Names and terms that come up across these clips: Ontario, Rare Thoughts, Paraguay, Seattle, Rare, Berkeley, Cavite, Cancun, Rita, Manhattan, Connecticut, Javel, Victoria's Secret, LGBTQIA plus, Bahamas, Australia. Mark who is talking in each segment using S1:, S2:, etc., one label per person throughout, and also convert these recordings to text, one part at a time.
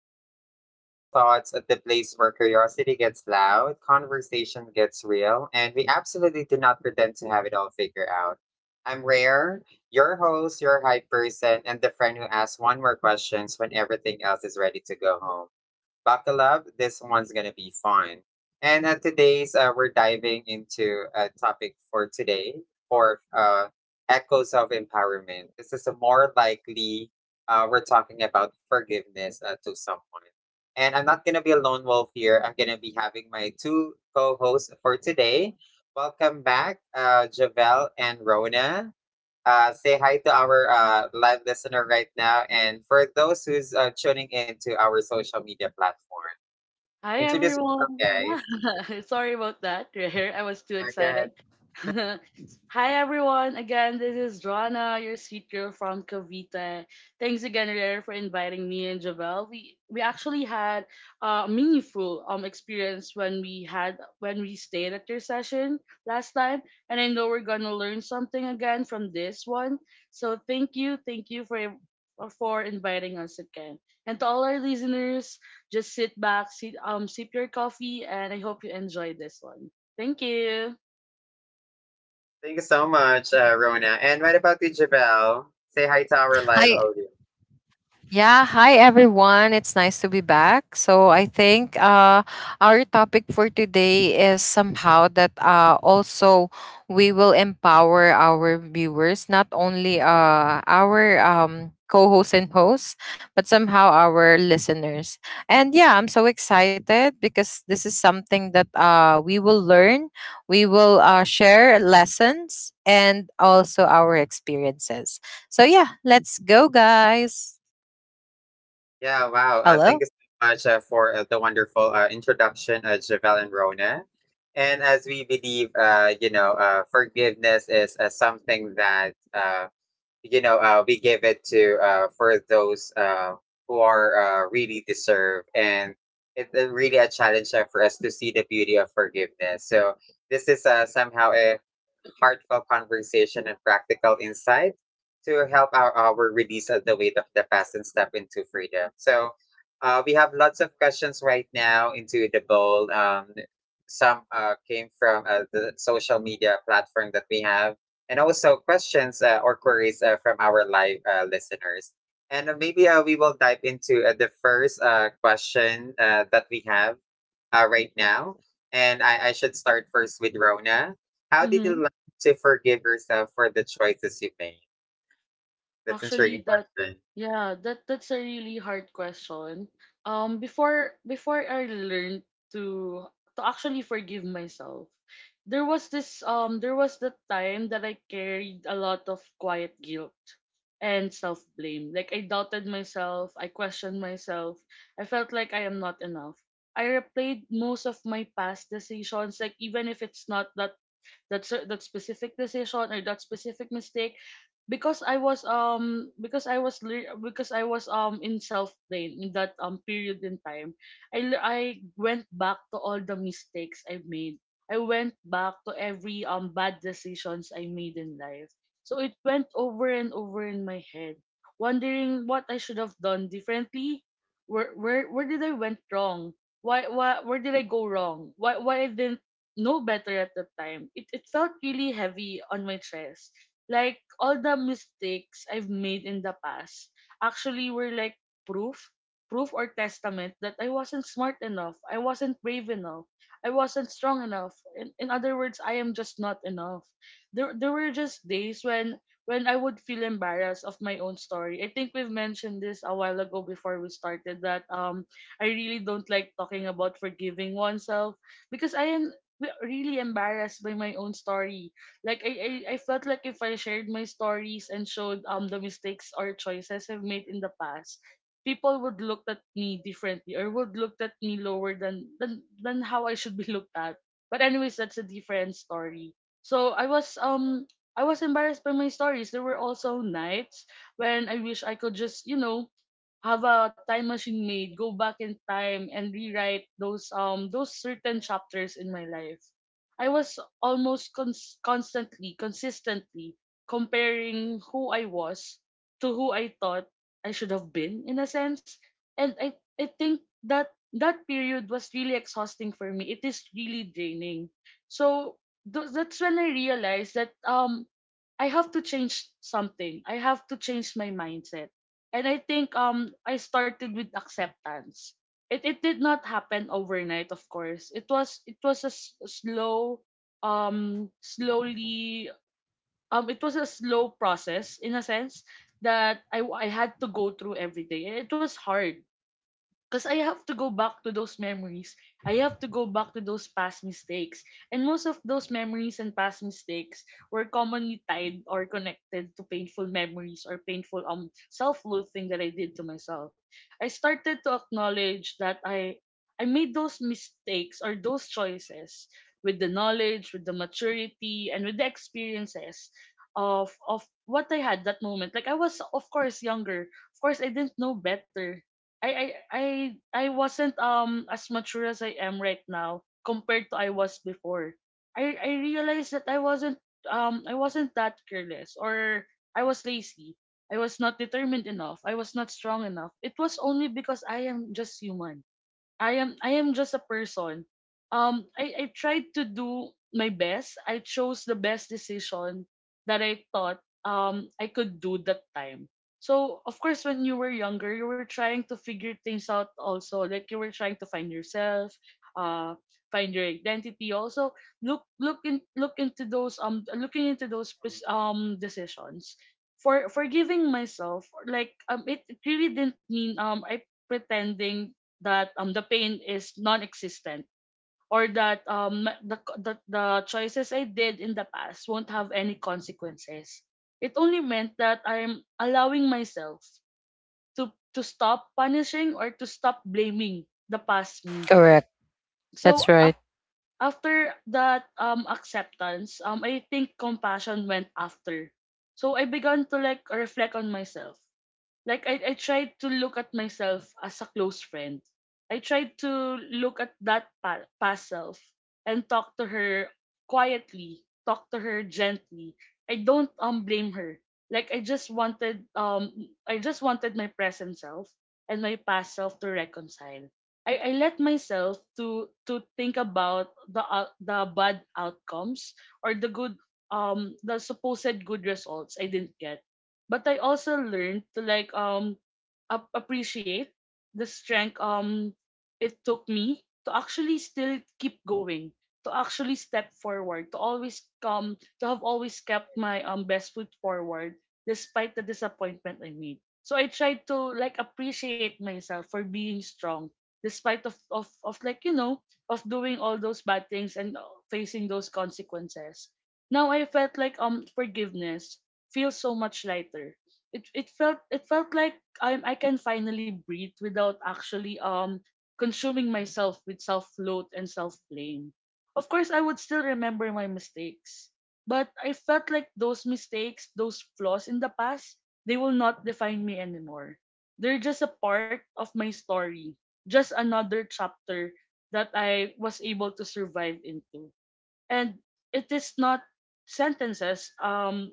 S1: Welcome to Rare Thoughts, the place where curiosity gets loud, conversation gets real, and we absolutely do not pretend to have it all figured out. I'm Rare, your host, your hype person, and the friend who asks one more questions when everything else is ready to go home. Buckle up. This one's gonna be fun. And today's We're diving into a topic for today for echoes of empowerment. This is a more likely we're talking about forgiveness to someone. And I'm not gonna be a lone wolf here. I'm gonna be having my two co-hosts for today. Welcome back, Javel and Rona. Say hi to our live listener right now. And for those who's tuning in to our social media platform,
S2: Hi
S1: introduce yourself,
S2: everyone.
S1: guys.
S2: Yeah, sorry about that. Here I was too
S1: Okay.
S2: excited. Hi everyone. Again, this is Joanna, your sweet girl from Cavite. Thanks again, Rare, for inviting me and Javel. We actually had a meaningful experience when we had when we stayed at your session last time, and I know we're gonna learn something again from this one. So thank you for inviting us again. And to all our listeners, just sit back, sit sip your coffee, and I hope you enjoy this one. Thank you.
S1: Thank you so much, Rona. And what about you, Javel? Say hi to our live
S3: Hi.
S1: audio.
S3: Yeah, hi everyone. It's nice to be back. So I think Our topic for today is somehow that also we will empower our viewers, not only our co-hosts and hosts, but somehow our listeners. And yeah, I'm so excited because this is something that we will learn. We will share lessons and also our experiences. So yeah, let's go, guys.
S1: Yeah, wow. Thank
S3: Hello?
S1: you so much for the wonderful introduction, Javel and Rona. And as we believe, you know, forgiveness is something that we give it to for those who are really deserve, and it's really a challenge for us to see the beauty of forgiveness. So this is somehow a heartfelt conversation and practical insight to help our release of the weight of the past and step into freedom. So we have lots of questions right now into the bowl. Some came from the social media platform that we have, and also questions or queries from our live listeners. And maybe we will dive into the first question that we have right now. And I should start first with Rona. How did
S2: Mhm.
S1: you to forgive yourself for the choices you made? That's an intriguing
S2: Actually, that
S1: question.
S2: yeah, that that's a really hard question. Before I learned to to actually forgive myself, there was the time that I carried a lot of quiet guilt and self blame. Like I doubted myself, I questioned myself, I felt like I am not enough. I replayed most of my past decisions, like even if it's not that specific decision or that specific mistake because I was lear- because I was in self blame in that period in time. I went back to all the mistakes I made. I went back to every bad decisions I made in life, so it went over and over in my head, wondering what I should have done differently. Where did I went wrong? Why why where did I go wrong? Why I didn't know better at the time. It felt really heavy on my chest, like all the mistakes I've made in the past actually were like proof, proof or testament that I wasn't smart enough, I wasn't brave enough, I wasn't strong enough. In other words, I am just not enough. There were just days when I would feel embarrassed of my own story. I think we've mentioned this a while ago before we started that I really don't like talking about forgiving oneself because I am really embarrassed by my own story. Like I felt like if I shared my stories and showed the mistakes or choices I've made in the past, people would look at me differently or would look at me lower than how I should be looked at. But anyways, that's a different story. So I was embarrassed by my stories. There were also nights when I wish I could just, you know, have a time machine made, go back in time and rewrite those certain chapters in my life. I was almost constantly, consistently comparing who I was to who I thought I should have been, in a sense. And I think that that period was really exhausting for me. It is really draining. So that's when I realized that I have to change something. I have to change my mindset. And I think I started with acceptance. It did not happen overnight, of course. It was a s- slow slowly it was a slow process, in a sense, that I had to go through every day. It was hard. Because I have to go back to those memories. I have to go back to those past mistakes. And most of those memories and past mistakes were commonly tied or connected to painful memories or painful self-loathing that I did to myself. I started to acknowledge that I made those mistakes or those choices with the knowledge, with the maturity, and with the experiences of what I had that moment. Like I was of course younger. Of course I didn't know better. I I I I wasn't as mature as I am right now compared to I was before. I realized that I wasn't that careless, or I was lazy. I was not determined enough. I was not strong enough. It was only because I am just human. I am just a person. I tried to do my best. I chose the best decision that I thought I could do that time. So of course when you were younger you were trying to figure things out also. Like you were trying to find yourself, uh find your identity also. Look into those looking into those
S1: Mm.
S2: pos- decisions. For giving myself, like it really didn't mean I pretending that the pain is non-existent, or that the choices I did in the past won't have any consequences. It only meant that I'm allowing myself to stop punishing or to stop blaming the past me.
S3: Correct.
S2: So
S3: That's right.
S2: up, after that acceptance, I think compassion went after. So I began to like reflect on myself. Like I tried to look at myself as a close friend. I tried to look at that past self and talk to her quietly, talk to her gently. I don't blame her. Like I just wanted my present self and my past self to reconcile. I let myself to think about the bad outcomes or the good the supposed good results I didn't get, but I also learned to like appreciate the strength it took me to actually still keep going, to actually step forward, to always come, to have always kept my best foot forward despite the disappointment I made. So I tried to like appreciate myself for being strong despite of like you know of doing all those bad things and facing those consequences. Now I felt like forgiveness feels so much lighter. It felt like I can finally breathe without actually consuming myself with self loath and self blame. Of course, I would still remember my mistakes, but I felt like those mistakes, those flaws in the past, they will not define me anymore. They're just a part of my story, just another chapter that I was able to survive into. And it is not sentences.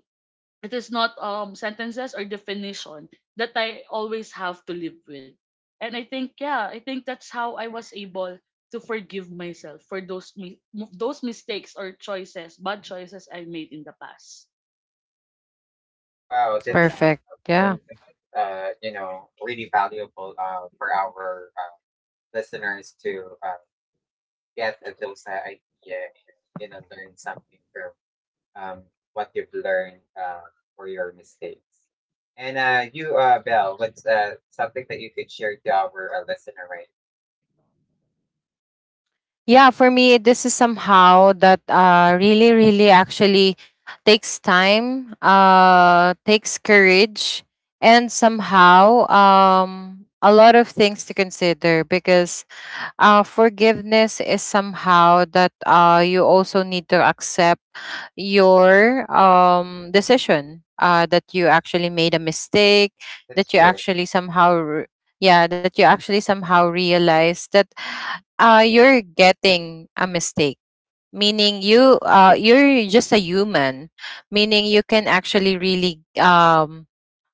S2: It is not sentences or definition that I always have to live with. And I think that's how I was able to forgive myself for those mistakes or choices, bad choices I made in the past.
S1: Wow,
S2: So
S1: that's
S2: yeah,
S3: Perfect.
S1: something
S3: Yeah.
S1: that, you know, really valuable for our listeners to get those idea and, you know, learn something from um, what you've learned for your mistakes. And you, Belle, what's something that you could share to our listener, right?
S3: Yeah, for me, this is somehow that really, really actually takes time, takes courage, and somehow a lot of things to consider because forgiveness is somehow that you also need to accept your decision that you actually made a mistake that
S1: That's
S3: you
S1: true.
S3: actually somehow re- yeah, that you actually somehow realize that you're getting a mistake, meaning you're just a human, meaning you can actually really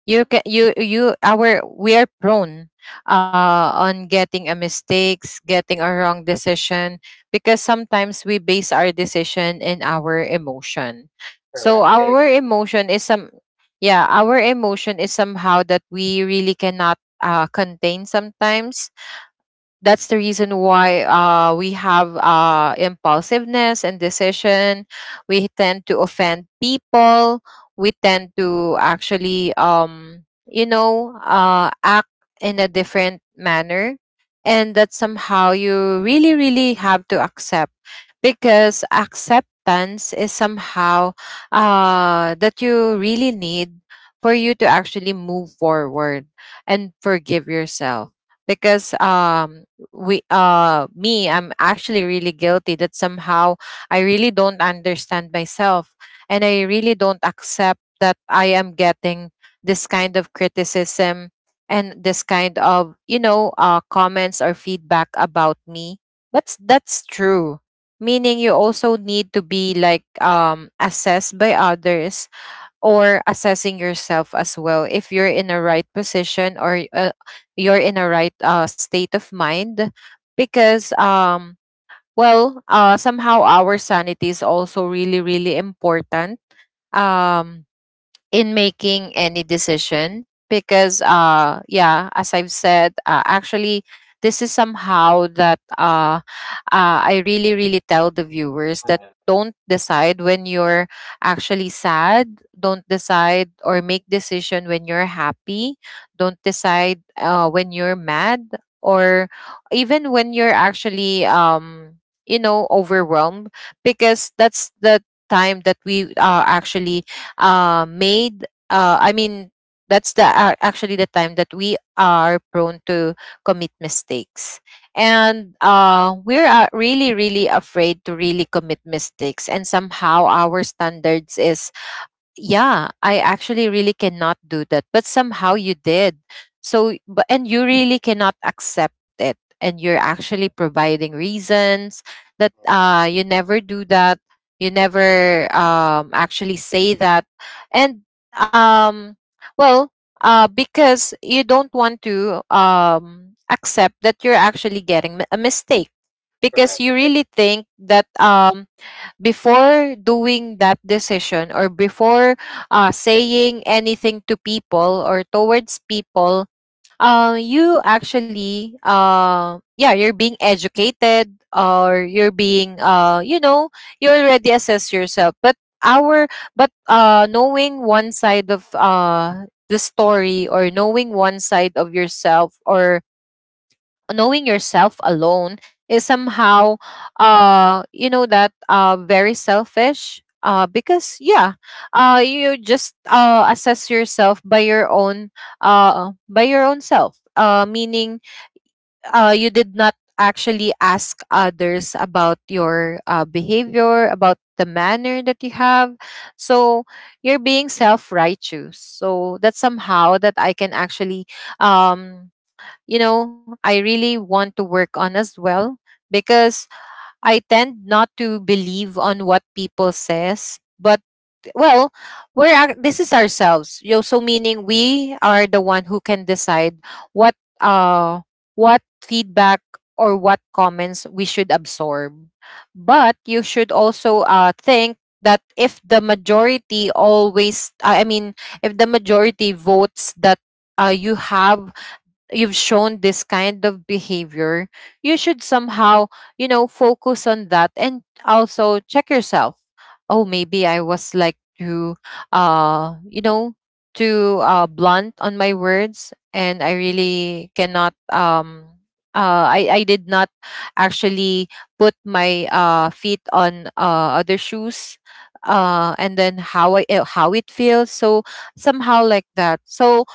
S3: you can you you our we are prone on getting a mistakes, getting a wrong decision, because sometimes we base our decision in our emotion. So
S1: Correct. I
S3: our
S1: agree.
S3: emotion is some Yeah, our emotion is somehow that we really cannot contain sometimes. That's the reason why we have impulsiveness and decision. We tend to offend people. We tend to actually, you know, act in a different manner. And that somehow you really, really have to accept, because acceptance is somehow that you really need for you to actually move forward and forgive yourself. Because we me I'm actually really guilty that somehow I really don't understand myself and I really don't accept that I am getting this kind of criticism and this kind of, you know, comments or feedback about me. But that's true, meaning you also need to be like assessed by others or assessing yourself as well, if you're in the right position or you're in the right state of mind. Because somehow our sanity is also really, really important um in making any decision, because yeah, as I've said, actually, this is somehow that I really, really tell the viewers that
S1: Uh,
S3: don't decide when you're actually sad, don't decide or make decision when you're happy, don't decide when you're mad, or even when you're actually you know, overwhelmed. Because that's the time that we actually made I mean that's the actually the time that we are prone to commit mistakes. And we're really, really afraid to really commit mistakes, and somehow our standards is, yeah, I actually really cannot do that, but somehow you did. So but and you really cannot accept it, and you're actually providing reasons that you never do that, you never actually say that. And um well because you don't want to accept that you're actually getting a mistake, because
S1: Correct.
S3: you really think that before doing that decision, or before saying anything to people or towards people, you actually yeah, you're being educated, or you're being, you know, you already assess yourself. But our but knowing one side of the story, or knowing one side of yourself, or knowing yourself alone, is somehow, you know, that very selfish, because yeah, you just assess yourself by your own, by your own self, meaning you did not actually ask others about your behavior, about the manner that you have. So you're being self-righteous. So that's somehow that I can actually, um you know, I really want to work on as well, because I tend not to believe on what people says. But well, this is ourselves. You know, so meaning we are the one who can decide what uh what feedback or what comments we should absorb. But you should also think that if the majority always I mean if the majority votes that you have, you've shown this kind of behavior, you should somehow, you know, focus on that and also check yourself. Oh, maybe I was like too, you know, too blunt on my words, and I really cannot. I did not actually put my feet on other shoes, and then how I how it feels. So somehow like that. So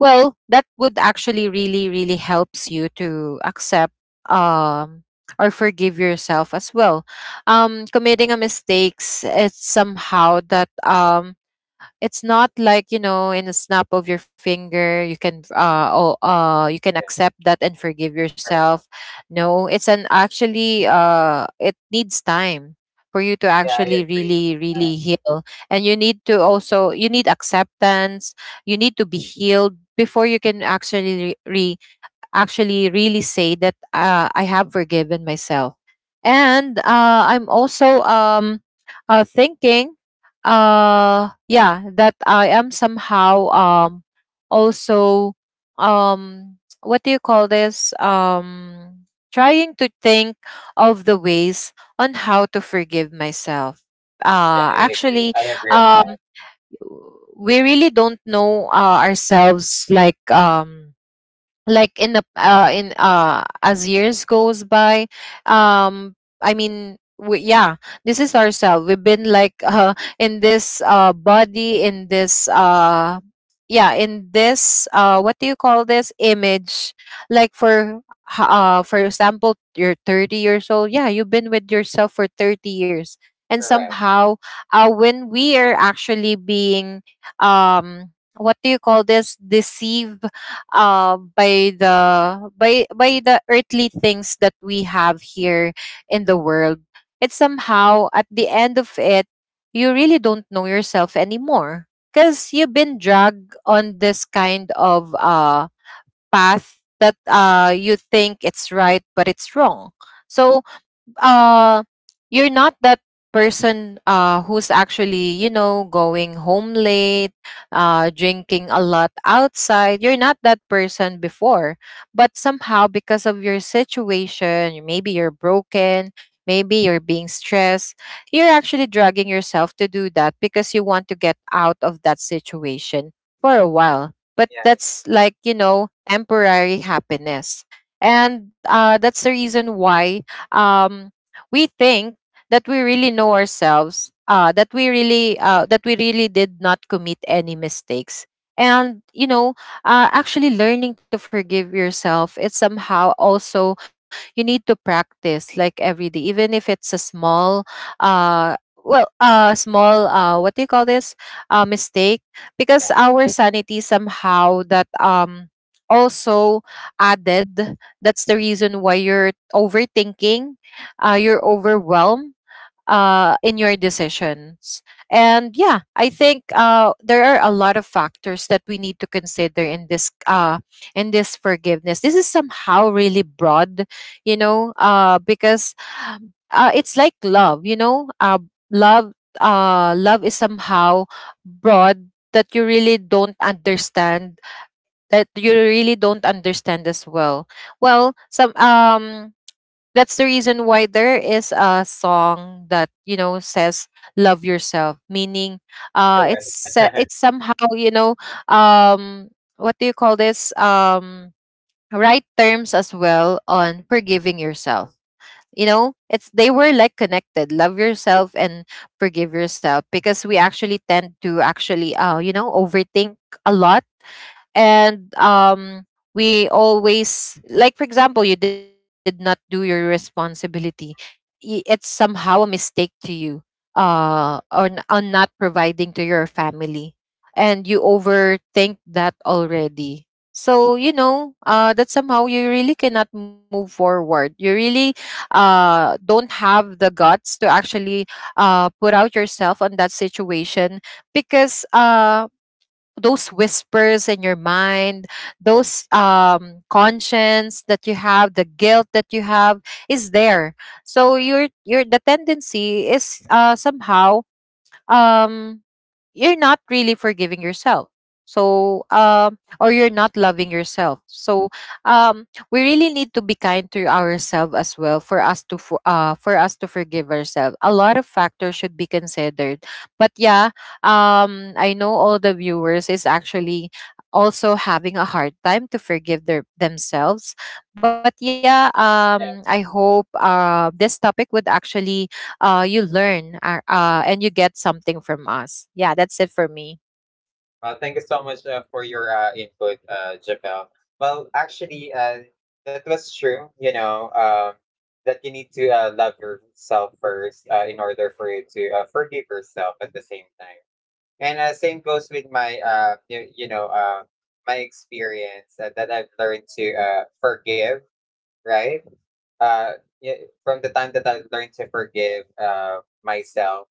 S3: well, that would actually really, really helps you to accept, um, or forgive yourself as well. Committing a mistakes, it's somehow that, it's not like, you know, in a snap of your finger you can you can
S1: Yeah,
S3: accept that and forgive
S1: correct.
S3: yourself. No, it's an actually it needs time for you to
S1: Yeah, I
S3: actually
S1: agree.
S3: really,
S1: Uh,
S3: really heal. And you need to also, you need acceptance, you need to be healed before you can actually actually really say that I have forgiven myself. And I'm also, thinking, yeah, that I am somehow, also, um, what do you call this? Trying to think of the ways on how to forgive myself.
S1: Yeah, I
S3: Actually,
S1: agree. I agree on
S3: um,
S1: that.
S3: we really don't know ourselves like. Like in the in as years goes by, um yeah, this is ourselves. We've been like in this body, in this yeah, in this, what do you call this, image. Like for for example, you're 30 years old. Yeah, you've been with yourself for 30 years. And
S1: Correct.
S3: somehow, when we are actually being, um, what do you call this, deceived by the earthly things that we have here in the world, it's somehow at the end of it you really don't know yourself anymore, because you've been dragged on this kind of path that you think it's right but it's wrong. So uh you're not that person who's actually, you know, going home late, drinking a lot outside. You're not that person before, but somehow because of your situation you- maybe you're broken, maybe you're being stressed, you're actually dragging yourself to do that because you want to get out of that situation for a while, but
S1: Yeah, I
S3: that's,
S1: agree.
S3: like, you know, temporary happiness. And that's the reason why, um, we think that we really know ourselves, that we really did not commit any mistakes. And you know, actually learning to forgive yourself, it's somehow also you need to practice like every day, even if it's a small, uh, well, small, what do you call this, mistake,
S1: Yeah,
S3: because our sanity somehow that, um, also added, that's the reason why you're overthinking, you're overwhelmed in your decisions. And yeah, I think there are a lot of factors that we need to consider in this forgiveness. This is somehow really broad, you know, because it's like love, you know, love. Love is somehow broad that you really don't understand, that you really don't understand as well. Well some That's the reason why there is a song that, you know, says love yourself, meaning
S1: correct.
S3: it's somehow, you know, um, what do you call this, um, right terms as well on forgiving yourself. You know, it's, they were like connected, love yourself and forgive yourself, because we actually tend to actually you know, overthink a lot. And, um, we always, like for example, you did not do your responsibility, it's somehow a mistake to you, on not providing to your family, and you overthink that already. So you know, that somehow you really cannot move forward, you really don't have the guts to actually put out yourself on that situation, because those whispers in your mind, those, conscience that you have, the guilt that you have is there. So your the tendency is, somehow, um you're not really forgiving yourself, so,
S1: Yeah,
S3: um, or you're not loving yourself. So, um, we really need to be kind to ourselves as well for us to for us to forgive ourselves. A lot of factors should be considered, but yeah, um, I know all the viewers is actually also having a hard time to forgive their themselves. But yeah,
S1: yeah.
S3: um, I hope this topic would actually, you learn, and you get something from us. Yeah, that's it for me.
S1: Well, thank you so much for your input, Javel. Well, actually, that was true. You know, that you need to love yourself first in order for you to forgive yourself at the same time. And same goes with my, you know, my experience that I've learned to forgive, right? uh yeah, from the time that I learned to forgive myself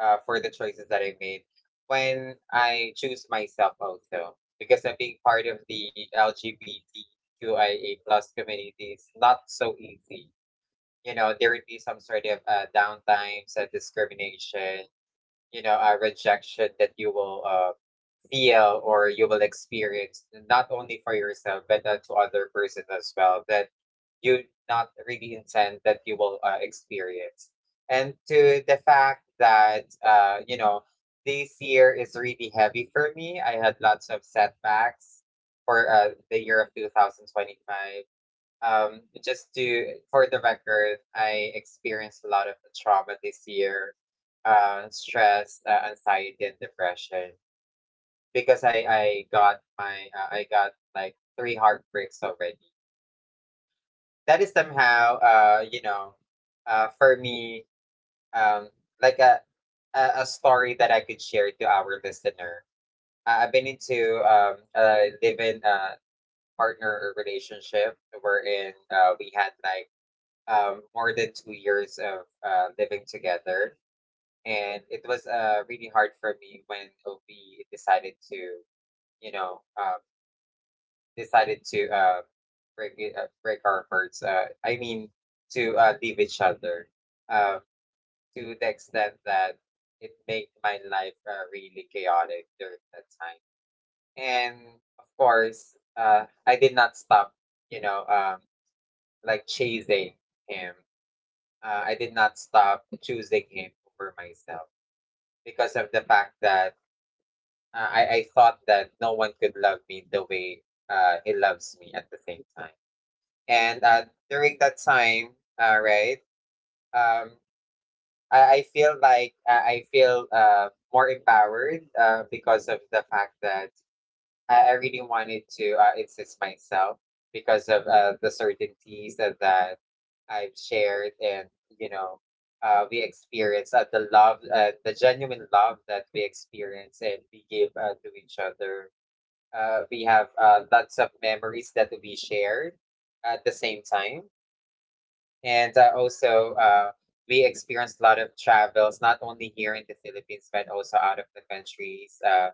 S1: for the choices that I made when I choose myself also, because I'm being part of the LGBTQIA plus community is not so easy. You know, there would be some sort of downtimes, discrimination, you know, rejection that you will feel or you will experience, not only for yourself, but to other persons as well. That you not really intend that you will experience. And to the fact that, you know, this year is really heavy for me. I had lots of setbacks for the year of 2025. Just to, for the record, I experienced a lot of trauma this year, stress, anxiety, and depression, because I got my, I got like three heartbreaks already, that is somehow for me, um like a story that I could share to our listener. I've been into a live-in partner relationship, wherein we had like more than 2 years of living together, and it was really hard for me when we decided to you know um decided to break our words. I mean, to leave each other uh, to the extent that it made my life really chaotic during that time. And of course, I did not stop, you know, um, like chasing him. I did not stop choosing him over myself, because of the fact that I thought that no one could love me the way he loves me at the same time. And during that time, uh, right, um, I feel like I feel more empowered because of the fact that I really wanted to insist myself, because of the certainties that I've shared, and, you know, we experience the genuine love that we experience and we give to each other. We have lots of memories that we shared at the same time, and also we experienced a lot of travels, not only here in the Philippines, but also out of the countries. Uh,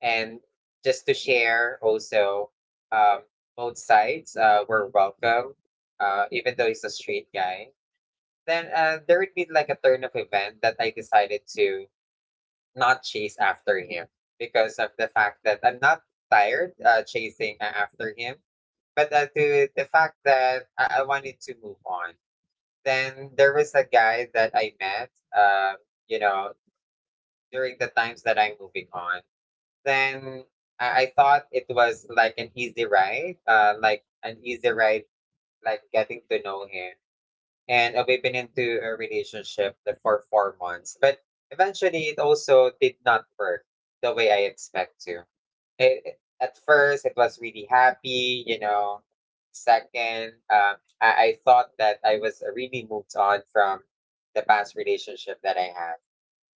S1: and just to share, also, um, both sides were welcome, even though he's a straight guy. Then there would be like a turn of event that I decided to not chase after him, because of the fact that I'm not tired chasing after him, but to the fact that I wanted to move on. Then there was a guy that I met, um, you know, during the times that I'm moving on. Then I thought it was like an easy ride, like getting to know him. And we've been into a relationship for 4 months, but eventually it also did not work the way I expect to it. At first it was really happy, you know. Second, I thought that I was really moved on from the past relationship that I had.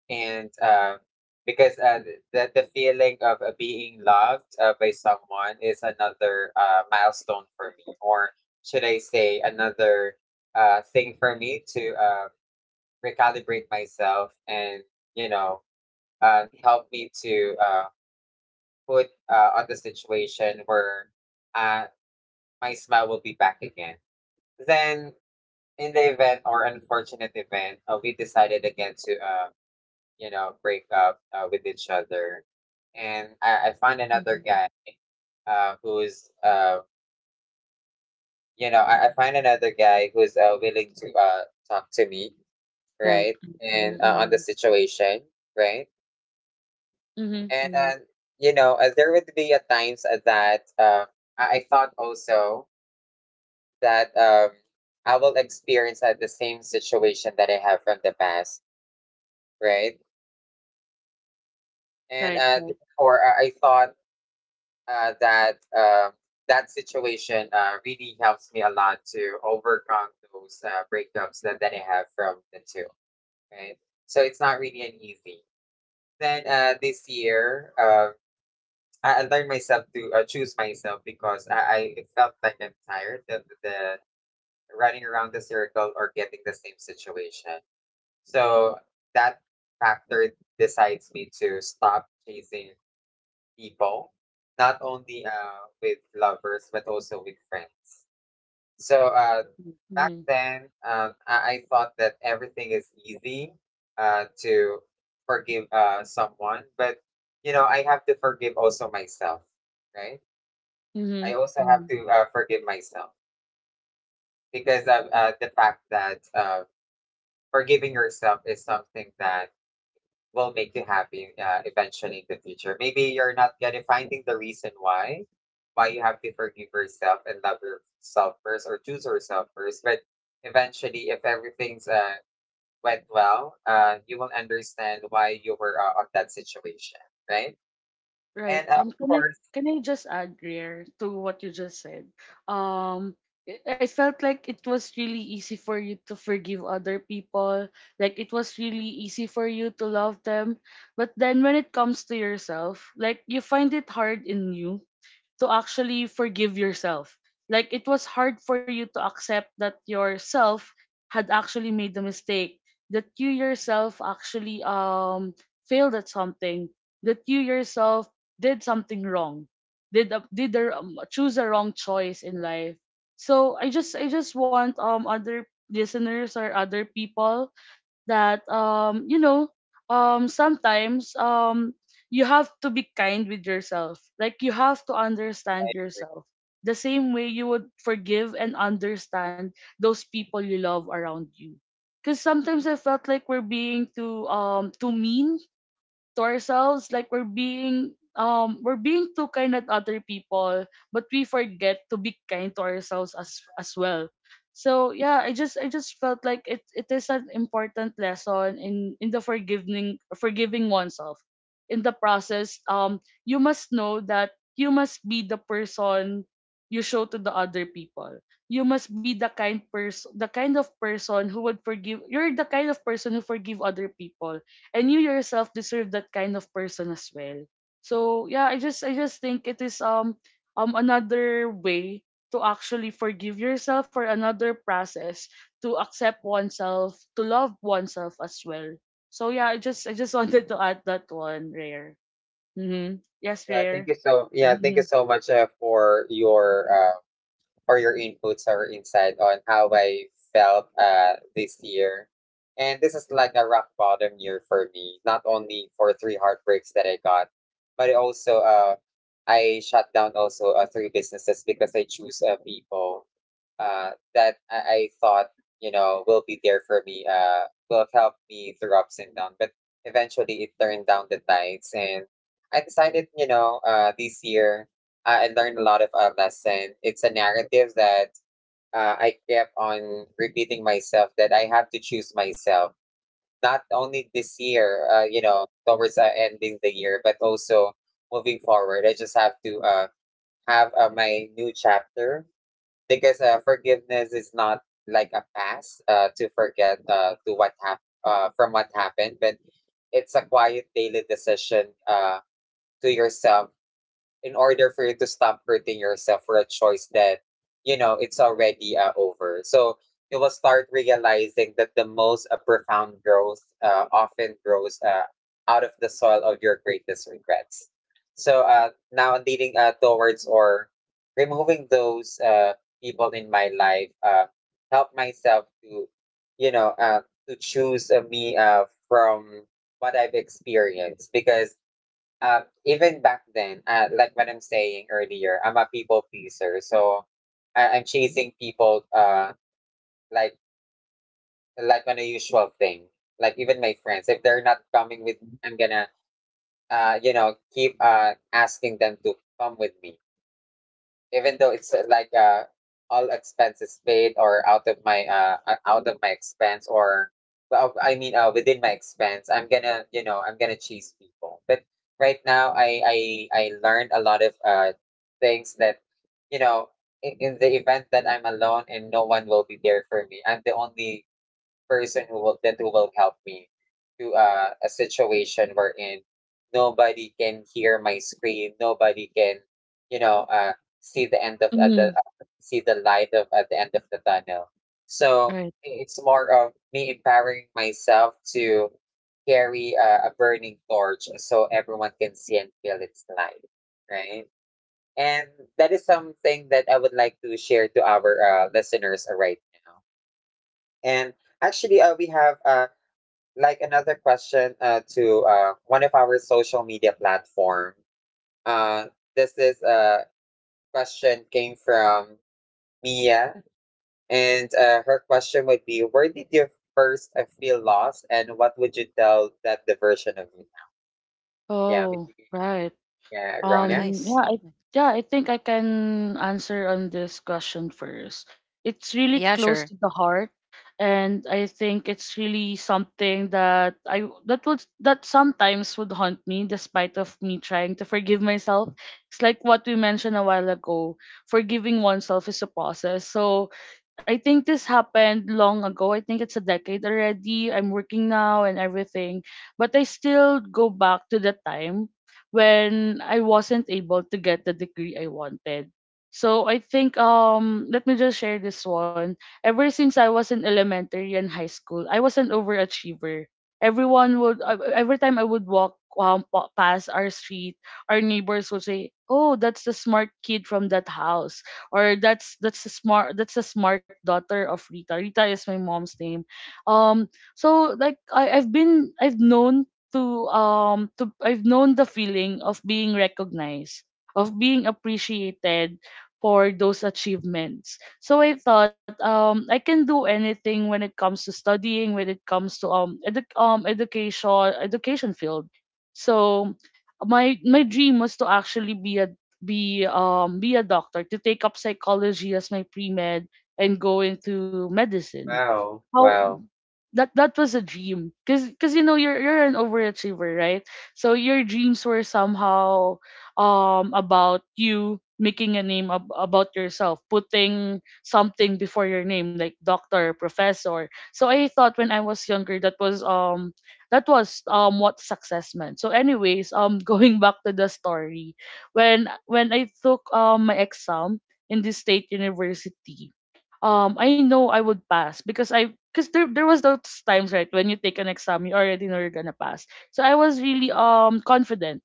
S1: And because the feeling of being loved by someone is another milestone for me, or should I say another thing for me to recalibrate myself and you know help me to put on the situation where uh, my smile will be back again. Then, in the event or unfortunate event, we decided again to, break up with each other. And I find another
S2: hmm,
S1: guy who's, you know, I find another guy who's willing to talk to me, right?
S2: right,
S1: And on the
S2: mm-hmm,
S1: situation, right?
S2: mm-hmm,
S1: And,
S2: mm-hmm,
S1: you know, there would be a times that I thought also that I will experience at the same situation that I have from the past, right? And
S2: right,
S1: uh,
S2: right,
S1: therefore, uh, I thought uh, that uh, that situation really helps me a lot to overcome those breakups that I have from the two, right? So it's not really an easy. Then this year, I learned myself to choose myself, because I felt like I'm tired of the running around the circle or getting the same situation. So that factor decides me to stop chasing people, not only with lovers, but also with friends. So back
S2: mm-hmm,
S1: then, I thought that everything is easy to forgive someone, but you know, I have to forgive also myself, right? I
S2: mm-hmm,
S1: also have
S2: mm-hmm.
S1: to forgive myself, because of the fact that forgiving yourself is something that will make you happy eventually in the future. Maybe you're not gonna finding the reason why you have to forgive yourself and love yourself first or choose yourself first. But eventually, if everything's went well, you will understand why you were on that situation, right? And
S2: Right.
S1: of course,
S2: Can I just add, Rare, to what you just said? Um, I felt like it was really easy for you to forgive other people. Like it was really easy for you to love them. But then when it comes to yourself, like you find it hard in you to actually forgive yourself. Like it was hard for you to accept that yourself had actually made the mistake, that you yourself actually failed at something, that you yourself did something wrong, choose a wrong choice in life. So I just want other listeners or other people that you know sometimes you have to be kind with yourself. Like you have to understand yourself the same way you would forgive and understand those people you love around you, because sometimes I felt like we're being too mean to ourselves. Like we're being too kind at other people but we forget to be kind to ourselves as well. So yeah, i just felt like it is an important lesson in the forgiving oneself. In the process, you must know that you must be the person you show to the other people. You must be the kind person, the kind of person who would forgive. You're the kind of person who forgive other people, and you yourself deserve that kind of person as well. So yeah, i just think it is another way to actually forgive yourself, or another process to accept oneself, to love oneself as well. So yeah, i just wanted to add that one, Rare. Mm-hmm. Yes, Rare.
S1: thank you
S2: Mm-hmm.
S1: so much for your or your inputs or insight on how I felt this year. And this is like a rock bottom year for me, not only for three heartbreaks that I got, but it also I shut down also three businesses because I choose people that I thought you know will be there for me will help me through ups and downs, but eventually it turned down the tides. And I decided, you know, this year I learned a lot of a lesson. It's a narrative that I kept on repeating myself, that I have to choose myself not only this year, you know, towards ending the year, but also moving forward. I just have to have my new chapter, because forgiveness is not like a pass to what from what happened, but it's a quiet daily decision to yourself in order for you to stop hurting yourself for a choice that, you know, it's already over. So you will start realizing that the most profound growth often grows out of the soil of your greatest regrets. So now leading towards or removing those people in my life, help myself to, you know, to choose me from what I've experienced. Because even back then, like what I'm saying earlier, I'm a people pleaser. So I'm chasing people, like like on a usual thing. Like even my friends, if they're not coming with me, I'm gonna, you know, keep asking them to come with me, even though it's like all expenses paid, or out of my expense, or well, I mean, within my expense, I'm gonna, you know, I'm gonna chase people. But right now, I I learned a lot of things that, you know, in the event that I'm alone and no one will be there for me, I'm the only person who will help me to a situation wherein nobody can hear my scream, nobody can, you know, see the end of the
S2: Mm,
S1: see the light of at the end of the tunnel. So
S2: right.
S1: it's more of me empowering myself to carry a burning torch so everyone can see and feel its light, right? And that is something that I would like to share to our listeners right now. And actually, we have like another question to one of our social media platform. Uh, this is a question came from Mia, and her question would be, "Where did you first feel lost, and what would you tell that the version of you?" Yeah,
S2: Oh,
S1: maybe-
S2: right.
S1: yeah, Rona.
S2: Um, yeah, I,
S3: Nice.
S2: yeah, I think I can answer on this question first. It's really close
S3: Yeah,
S2: to the
S3: sure.
S2: heart, and I think it's really something that I that would that sometimes would haunt me, despite of me trying to forgive myself. It's like what we mentioned a while ago. Forgiving oneself is a process. So I think this happened long ago. I think it's a decade already. I'm working now and everything, but I still go back to the time when I wasn't able to get the degree I wanted. So I think let me just share this one. Ever since I was in elementary and high school, I was an overachiever. Every time I would walk past our street, our neighbors would say, "Oh, that's the smart kid from that house," or "That's the smart daughter of Rita." Rita is my mom's name. Um, so I've known to I've known the feeling of being recognized, of being appreciated for those achievements. So I thought I can do anything when it comes to studying, when it comes to education field. So my dream was to actually be a doctor, to take up psychology as my pre med and go into medicine.
S1: Wow,
S2: How
S1: wow.
S2: That was a dream because, you know, you're an overachiever, right? So your dreams were somehow about you making a name about yourself, putting something before your name like doctor, professor. So I thought when I was younger, that was what success meant. So anyways, going back to the story, when I took my exam in the state university, I know I would pass because I because there was those times, right, when you take an exam you already know you're gonna pass. So I was really confident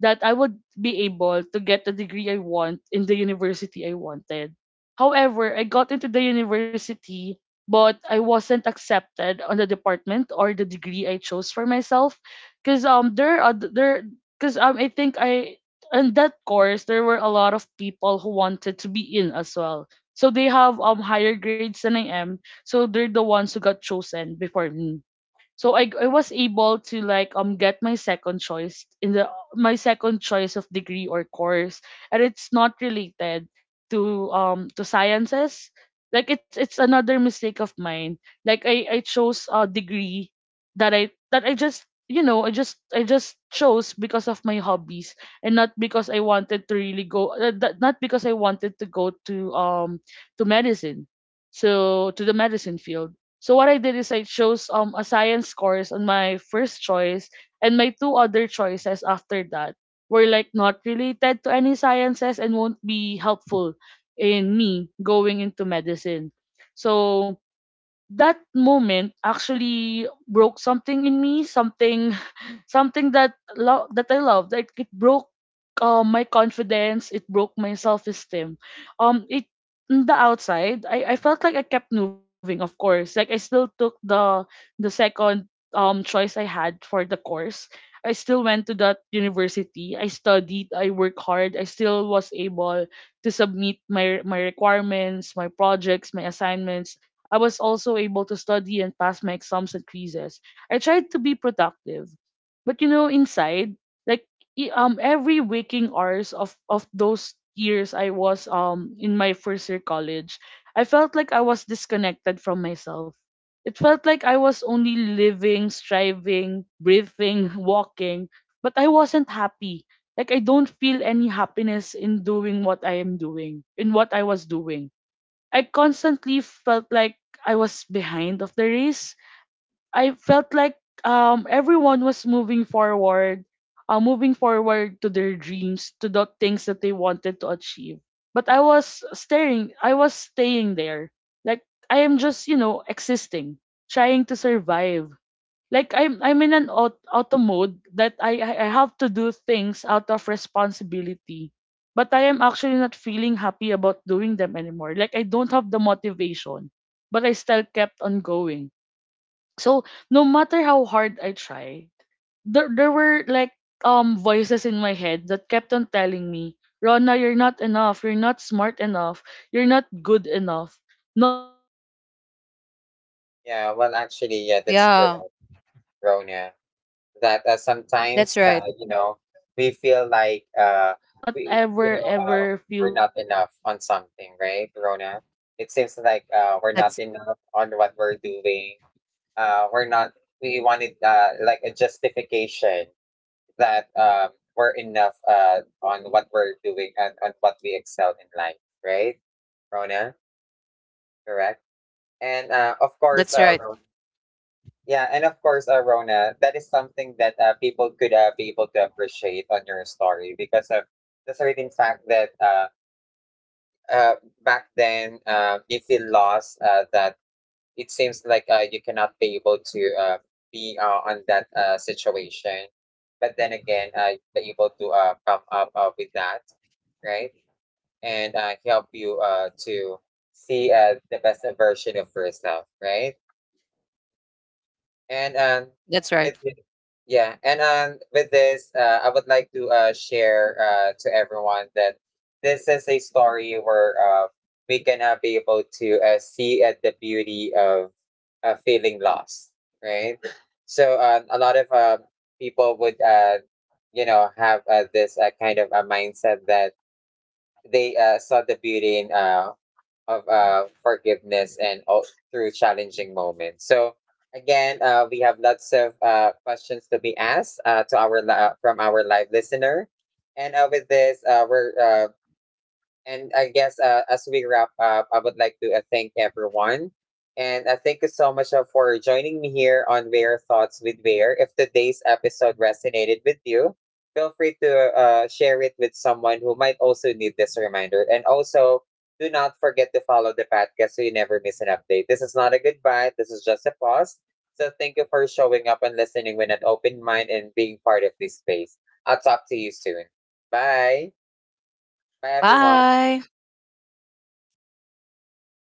S2: that I would be able to get the degree I want in the university I wanted. However, I got into the university, but I wasn't accepted on the department or the degree I chose for myself. Cause there are oth- there Cause I think I in that course there were a lot of people who wanted to be in as well. So they have higher grades than I am. So they're the ones who got chosen before me. So I was able to, like, get my second choice, in the my second choice of degree or course, and it's not related to sciences. Like, it's another mistake of mine. Like, I chose a degree that I just you know I just chose because of my hobbies and not because I wanted to really go, not because I wanted to go to medicine, so to the medicine field. So what I did is I chose a science course on my first choice, and my two other choices after that were, like, not related to any sciences and won't be helpful in me going into medicine. So that moment actually broke something in me, something something that I love. Like, it broke my confidence, it broke my self esteem. It On the outside, I felt like I kept moving. Of course, like, I still took the second choice I had for the course. I still went to that university. I studied. I worked hard. I still was able to submit my requirements, my projects, my assignments. I was also able to study and pass my exams and quizzes. I tried to be productive. But, you know, inside, like, every waking hours of those years I was in my first year college, I felt like I was disconnected from myself. It felt like I was only living, striving, breathing, walking, but I wasn't happy. Like, I don't feel any happiness in doing what I am doing, in what I was doing. I constantly felt like I was behind of the race. I felt like everyone was moving forward to their dreams, to the things that they wanted to achieve. But I was staring, I was staying there. Like, I am just, you know, existing, trying to survive. Like, I'm in an auto mode that I have to do things out of responsibility. But I am actually not feeling happy about doing them anymore. Like, I don't have the motivation, but I still kept on going. So no matter how hard I tried, there were, like, voices in my head that kept on telling me, Rona, you're not enough, you're not smart enough, you're not good enough, not accomplished enough, you will not be
S1: Yeah,
S2: successful in
S1: well,
S2: the
S1: actually, yeah,
S2: future.
S1: that's
S2: You will
S3: Yeah,
S1: correct,
S2: not ever
S1: Rona.
S2: ever feel
S1: That
S2: fulfilled enough.
S1: sometimes,
S3: that's right.
S1: you
S2: So
S1: know,
S2: like
S1: we
S2: there was
S1: feel like,
S2: yeah, there
S1: we,
S2: was
S1: you
S2: that
S1: know,
S2: deep
S1: we're not
S2: sadness
S1: enough
S2: in,
S1: on something,
S2: in
S1: right, Rona?
S2: yeah,
S1: It seems like
S2: yes.
S1: we're not
S3: That's
S1: enough on what we're
S2: Yes, yes,
S1: doing.
S2: yes, yes,
S1: We're
S2: yes.
S1: not. We wanted
S2: Like there, there
S1: like a
S2: was that
S1: justification
S2: deep
S1: that,
S2: sadness.
S1: we're enough
S2: That
S1: on
S2: younger
S1: what
S2: version
S1: we're
S2: of
S1: doing
S2: me.
S1: and on
S2: I,
S1: what we
S2: I
S1: excel
S2: always
S1: in life,
S2: questioned
S1: right,
S2: myself, my worth.
S1: Rona?
S2: I
S1: Correct.
S2: actually started
S1: And
S2: to,
S1: of
S2: like,
S1: course,
S3: That's right.
S1: Rona,
S2: wondered if the
S1: yeah, and
S2: dream
S1: of
S2: I
S1: course,
S2: had once when
S1: Rona,
S2: I
S1: that is
S2: was younger
S1: something
S2: would
S1: that
S2: actually
S1: people could be
S2: be
S1: able to appreciate
S2: befitting
S1: on
S2: for
S1: your
S2: me.
S1: story
S2: I
S1: because
S2: felt
S1: of
S2: like I had
S1: the certain
S2: disappointed
S1: fact that
S2: myself. I
S1: uh,
S2: felt like
S1: back
S2: that
S1: then, you feel
S2: disappointment
S1: lost,
S2: became my
S1: that
S2: shadow. It
S1: it seems
S2: followed me
S1: like you
S2: everywhere.
S1: cannot be
S2: So
S1: able to
S2: every, so even when
S1: be
S2: I was
S1: on that
S2: receiving awards
S1: situation.
S2: during college,
S1: But
S2: like,
S1: then
S2: even
S1: again,
S2: if I've been
S1: you're able to
S2: included in the
S1: come up with that,
S2: dean's lister to
S1: right?
S2: our listeners is
S1: And
S2: actually
S1: help you
S2: a level of
S1: to
S2: recognition
S1: see
S2: for
S1: the best
S2: college
S1: version
S2: students
S1: of yourself, right?
S2: who have able to attain high grades.
S1: And
S2: So yeah, even those
S3: That's
S1: with
S3: right.
S1: thi-
S2: small
S1: yeah,
S2: achievements
S1: and
S2: felt
S1: with
S2: empty to
S1: this,
S2: me.
S1: I
S2: They
S1: would like
S2: felt
S1: to share
S2: nothing to
S1: to
S2: me.
S1: everyone
S2: They
S1: that
S2: weren't the,
S1: this is a
S2: you know, the
S1: story where
S2: achievements that I
S1: we
S2: thought I
S1: can
S2: would
S1: be
S2: have
S1: able
S2: for
S1: to
S2: myself.
S1: see at the
S2: So if
S1: beauty
S2: I could
S1: of
S2: speak to that younger
S1: feeling
S2: self
S1: lost,
S2: of me,
S1: right?
S2: to
S1: So,
S2: that
S1: a lot of
S2: 16-year-old
S1: people
S2: Rana,
S1: would,
S2: I would tell her
S1: you know,
S2: this.
S1: have this
S2: Rana,
S1: kind of
S2: you
S1: a
S2: are not
S1: mindset that
S2: failing. You
S1: they
S2: are just
S1: saw
S2: in the
S1: the beauty
S2: process
S1: in
S2: of becoming.
S1: of
S2: That
S1: forgiveness
S2: I
S1: and all
S2: would, I would
S1: through
S2: remind
S1: challenging
S2: myself
S1: moments. So
S2: that
S1: again, we
S2: life
S1: have lots
S2: doesn't
S1: of
S2: move in straight
S1: questions to be
S2: lines.
S1: asked
S2: That life
S1: from
S2: is
S1: our
S2: not
S1: live
S2: a race as
S1: listener,
S2: well.
S1: and
S2: Like,
S1: with this,
S2: even if I
S1: we're
S2: took a detour, it doesn't
S1: and I
S2: mean it
S1: guess,
S2: was a dead
S1: as we
S2: end.
S1: wrap
S2: It's
S1: up, I
S2: just
S1: would like to
S2: another
S1: thank
S2: way to make me
S1: everyone.
S2: see
S1: And
S2: lessons.
S1: thank you so
S2: That
S1: much
S2: it is
S1: for
S2: just
S1: joining me
S2: another
S1: here
S2: way
S1: on
S2: for
S1: Rare
S2: me to
S1: Thoughts with
S2: actually
S1: Rare. If
S2: experience
S1: today's
S2: more things,
S1: episode
S2: so
S1: resonated
S2: that
S1: with
S2: when I am
S1: you,
S2: ready to
S1: feel free to
S2: achieve or
S1: share
S2: accept
S1: it with
S2: that
S1: someone who might
S2: achievement
S1: also
S2: or the
S1: need this reminder. And
S2: success,
S1: also, do
S2: it
S1: not
S2: is all
S1: forget to
S2: gonna be
S1: follow the
S2: worth it.
S1: podcast
S2: It
S1: so
S2: is
S1: you
S2: all
S1: never miss
S2: gonna
S1: an
S2: make
S1: update.
S2: me
S1: This is
S2: feel
S1: not a
S2: happier
S1: goodbye,
S2: than
S1: this
S2: I
S1: is
S2: thought
S1: just a
S2: I would
S1: pause.
S2: be.
S1: So thank you
S2: So
S1: for
S2: not
S1: showing
S2: because
S1: up
S2: I
S1: and listening
S2: wasn't
S1: with an
S2: able to
S1: open
S2: get the
S1: mind and being
S2: degree I
S1: part of this
S2: wanted
S1: space. I'll
S2: doesn't
S1: talk
S2: mean
S1: to
S2: I
S1: you
S2: don't
S1: soon.
S2: have any purpose
S1: Bye.
S2: anymore. I
S1: Bye,
S2: still have
S1: everyone.
S3: Bye.
S2: value. I will tell that 16-year-old